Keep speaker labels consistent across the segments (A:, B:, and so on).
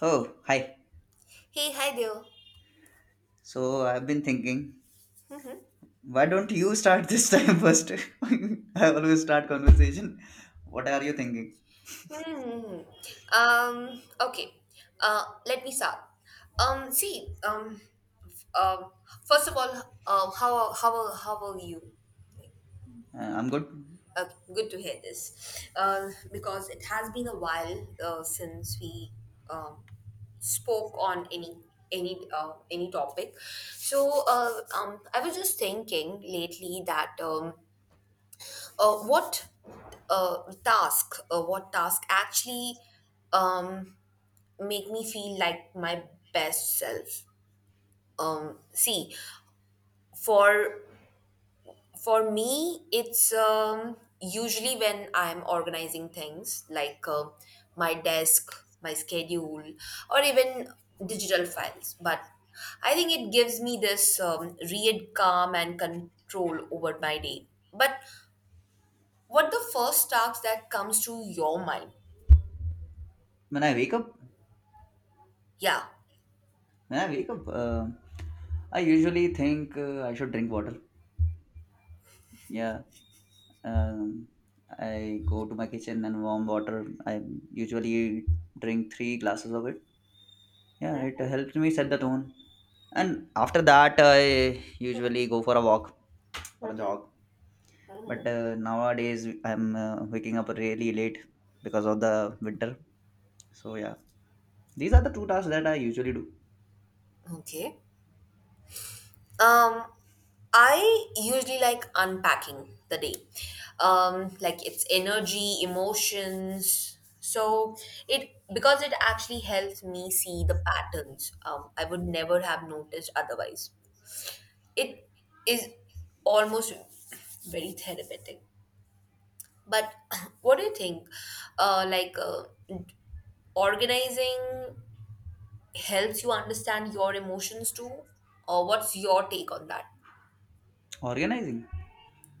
A: Oh, hi.
B: Hey, hi there.
A: So I've been thinking, why don't you start this time first? I always start conversation. What are you thinking?
B: Hmm. Okay. Let me start. Um. See. Um. f- Um. First of all, how are you?
A: I'm good.
B: Good to hear this. Because it has been a while since we um spoke on any any topic. So I was just thinking lately that uh, what what task actually um, make me feel like my best self. See For me, it's usually when I'm organizing things like my desk, my schedule, or even digital files. But I think it gives me this real calm and control over my day. But what the first task that comes to your mind?
A: When I wake up,
B: Yeah.
A: when I wake up, I usually think I should drink water. Yeah. Um, I go to my kitchen and warm water. I usually drink 3 glasses of it. Yeah, it helps me set the tone. And after that, I usually go for a walk or a jog but nowadays I'm waking up really late because of the winter, so yeah, these are the two tasks that I usually do.
B: Okay. Um, I usually like unpacking the day. Like its energy, emotions. So it because it actually helps me see the patterns I would never have noticed otherwise. It is almost very therapeutic. But what do you think? Uh, like uh, Organizing helps you understand your emotions too, or what's your take on that?
A: Organizing,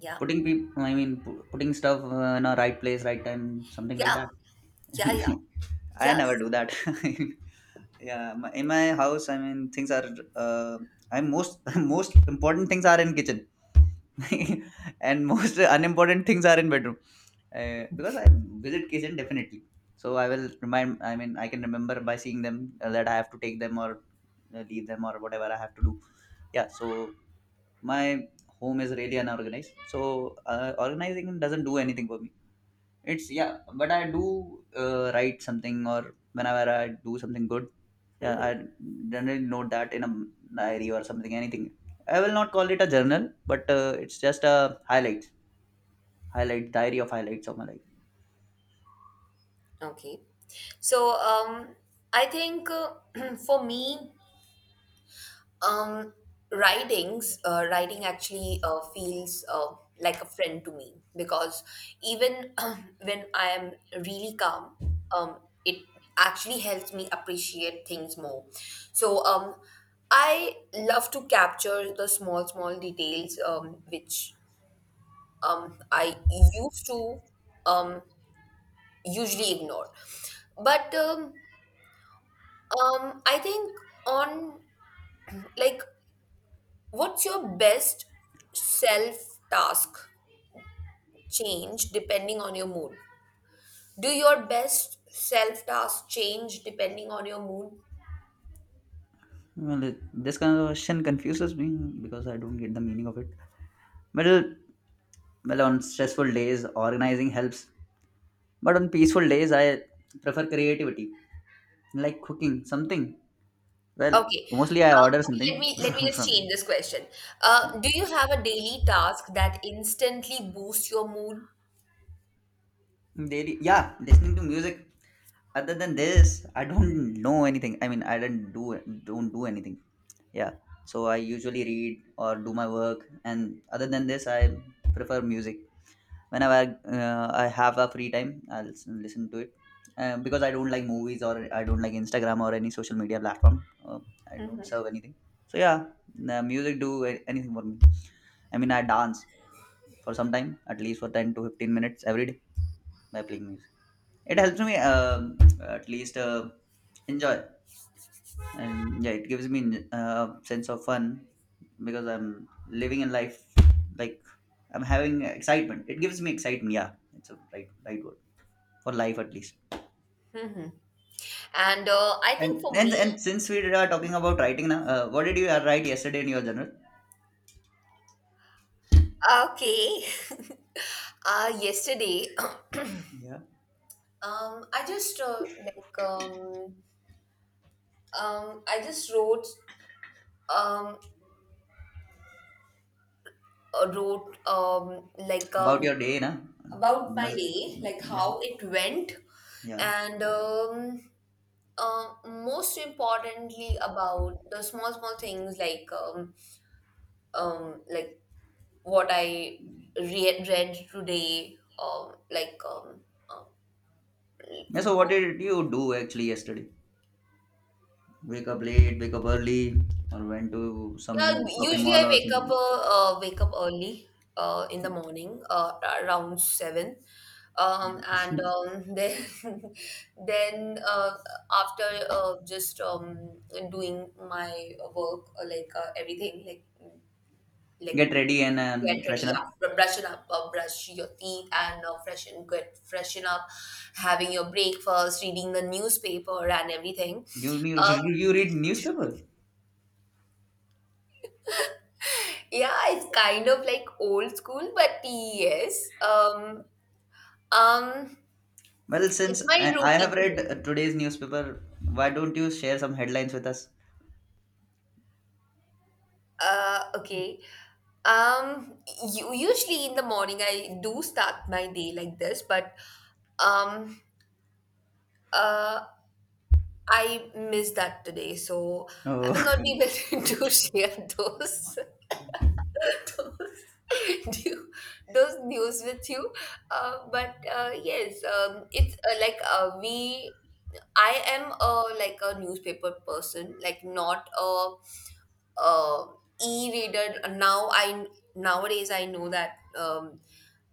B: Yeah.
A: putting people, I mean putting stuff in a right place, right time, something like
B: Yeah,
A: that.
B: yeah, yeah.
A: I never
B: Yes.
A: do that. Yeah, in my house, I mean, things are. Uh, I'm most most important things are in kitchen, and most unimportant things are in bedroom. Because I visit kitchen definitely, so I will remind. I mean, I can remember by seeing them that I have to take them or leave them or whatever I have to do. Yeah, so my home is really unorganized. So organizing doesn't do anything for me. It's yeah, but I do write something or whenever I do something good, yeah,
B: Mhm.
A: I generally note that in a diary or something, anything. I will not call it a journal, but it's just a highlights, highlight diary of highlights of my life.
B: Okay. So I think for me, um, writing actually feels like a friend to me, because even when I am really calm, um, it actually helps me appreciate things more. So I love to capture the small, small details which I used to um, usually ignore. But I think on like What's your best self task change depending on your mood? Do your best self task change depending on your mood?
A: Well, this kind of question confuses me because I don't get the meaning of it. Well, well, on stressful days, organizing helps, but on peaceful days, I prefer creativity, like cooking something. Well,
B: Okay.
A: mostly I order
B: Okay,
A: something
B: let me just
A: from.
B: change this question. Do you have a daily task that instantly boosts your mood?
A: Daily, yeah, listening to music. Other than this, I don't know anything. I mean, I don't do anything. Yeah, so I usually read or do my work, and other than this, I prefer music. Whenever I have a free time, I'll listen to it. Because I don't like movies or I don't like Instagram or any social media platform. I don't serve anything. So yeah, the music do anything for me. I mean, I dance for some time, at least for 10 to 15 minutes every day by playing music. It helps me at least enjoy, and yeah, it gives me sense of fun because I'm living in life like I'm having excitement. It gives me excitement. Yeah, it's a right word for life at least.
B: And I think
A: And
B: for
A: and
B: me
A: and since we are talking about writing now, what did you write yesterday in your journal?
B: Okay. Yesterday,
A: Yeah,
B: Um, I just uh, like um, I just wrote, um, uh, wrote um, like
A: about
B: um,
A: your day, na?
B: about
A: You
B: my
A: must,
B: day, like
A: yeah,
B: how it went,
A: yeah.
B: and most importantly about the small, small things, like um, like what I read today.
A: Yeah, so
B: Um,
A: what did you do actually yesterday? Wake up late, wake up early, or went to
B: Yeah,
A: some shopping
B: usually
A: mall
B: I
A: or
B: wake up,
A: something?
B: wake up early in the morning, around 7, and then then uh, after just doing my work, like everything, like like
A: Get ready and
B: get ready,
A: freshen up.
B: yeah, brushing up, brush your teeth and freshen get freshen up, having your breakfast, reading the newspaper and everything.
A: You
B: Uh,
A: you read newspaper.
B: Yeah, it's kind of like old school, but yes. Um,
A: Well, since
B: it's my
A: I have read
B: routine.
A: today's newspaper, why don't you share some headlines with us?
B: Okay. Um, Usually in the morning I do start my day like this, but um, uh, I missed that today, so I
A: Oh,
B: will not be able to share those those those news with you. But Yes, it's like we I am a like a newspaper person, like not a, uh e-reader. Nowadays I know that um,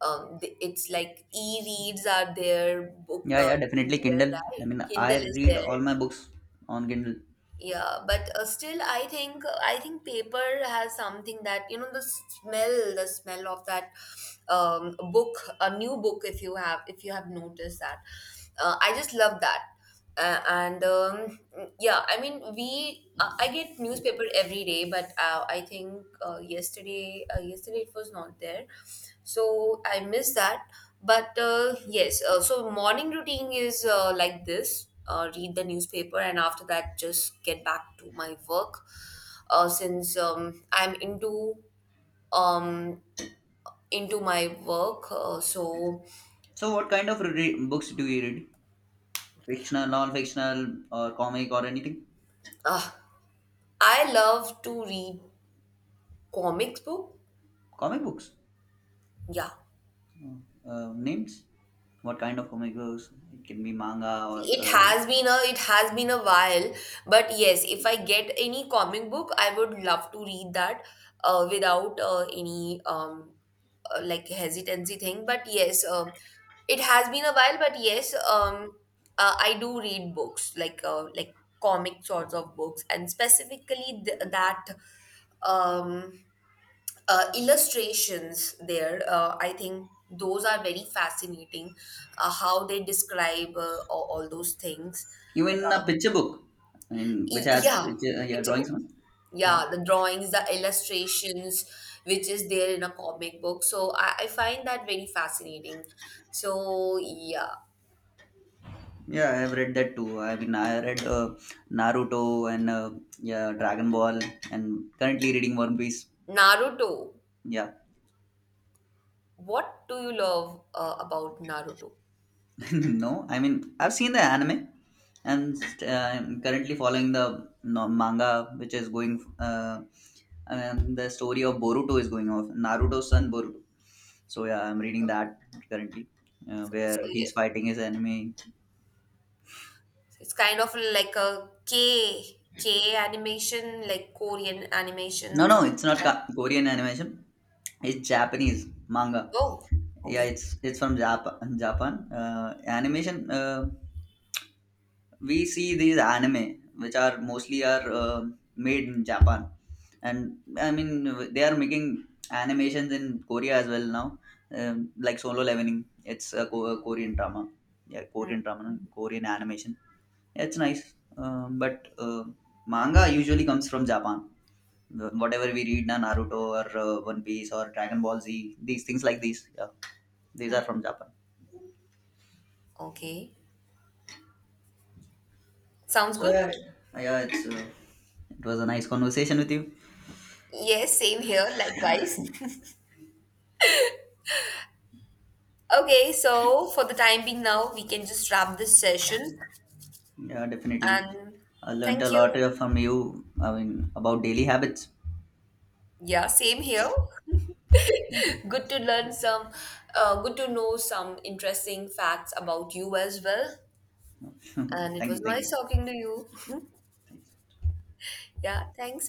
B: um, th- it's like e-reads are there, book
A: yeah, yeah, definitely
B: e-reader,
A: Kindle. I
B: right?
A: mean, I
B: Kindle is
A: read
B: there.
A: all my books on Kindle.
B: Yeah, but still, I think paper has something that, you know, the smell of that book, a new book. If you have noticed that, I just love that. And Yeah, I mean, we I get newspaper every day, but I think yesterday, yesterday it was not there, so I miss that. But Yes, so morning routine is like this: read the newspaper, and after that, just get back to my work. Since I'm um, into my work,
A: So, what kind of books do you read? Fictional, non-fictional, or comic, or anything?
B: uh, I love to read comics book.
A: Comic books.
B: Yeah.
A: Oh, names? What kind of comic books? It can be manga or
B: See, it has been a while, but yes, if I get any comic book, I would love to read that without any hesitancy thing. But yes, it has been a while. But yes, I do read books like comic sorts of books, and specifically that um illustrations there, I think those are very fascinating, how they describe, all those things.
A: even a
B: um,
A: picture book, I mean, which has
B: yeah,
A: picture, yeah,
B: picture,
A: drawings on.
B: yeah, the drawings, the illustrations which is there in a comic book, so I find that very fascinating. So yeah.
A: Yeah, I've read that too. I mean, I read Naruto and yeah, Dragon Ball, and currently reading One Piece.
B: Naruto,
A: Yeah,
B: what do you love about Naruto?
A: no, I mean, I've seen the anime, and uh, I'm currently following the no, manga, which is going. And the story of Boruto is going off. Naruto's son Boruto. So yeah, I'm reading that currently,
B: So
A: where
B: yeah,
A: he's fighting his enemy.
B: it's kind of like a K animation, like Korean
A: No,
B: animation,
A: no,
B: something
A: it's not
B: like that.
A: Korean animation. It's Japanese manga.
B: Oh,
A: Yeah,
B: okay.
A: it's from Japan. Japan animation. We see these anime, which are mostly are made in Japan, and I mean they are making animations in Korea as well now, like Solo Leveling. It's a, a Korean drama. Yeah, Korean drama, no, Korean animation. Yeah, it's nice, but manga usually comes from Japan. Whatever we read now, Naruto or One Piece or Dragon Ball Z, these things like these. Yeah, these are from Japan.
B: Okay, sounds
A: So
B: good.
A: yeah, yeah, it's it was a nice conversation with you.
B: Yes, same here, likewise. Okay, so for the time being now, we can just wrap this session.
A: Yeah, definitely.
B: And
A: I learned
B: thank
A: a lot
B: you.
A: from you. I mean, about daily habits.
B: Yeah, same here.
A: Okay.
B: Good to learn some, good to know some interesting facts about you as well. And it
A: Thank
B: was
A: you, thank
B: nice
A: you.
B: talking to you.
A: Thank you.
B: Yeah, thanks.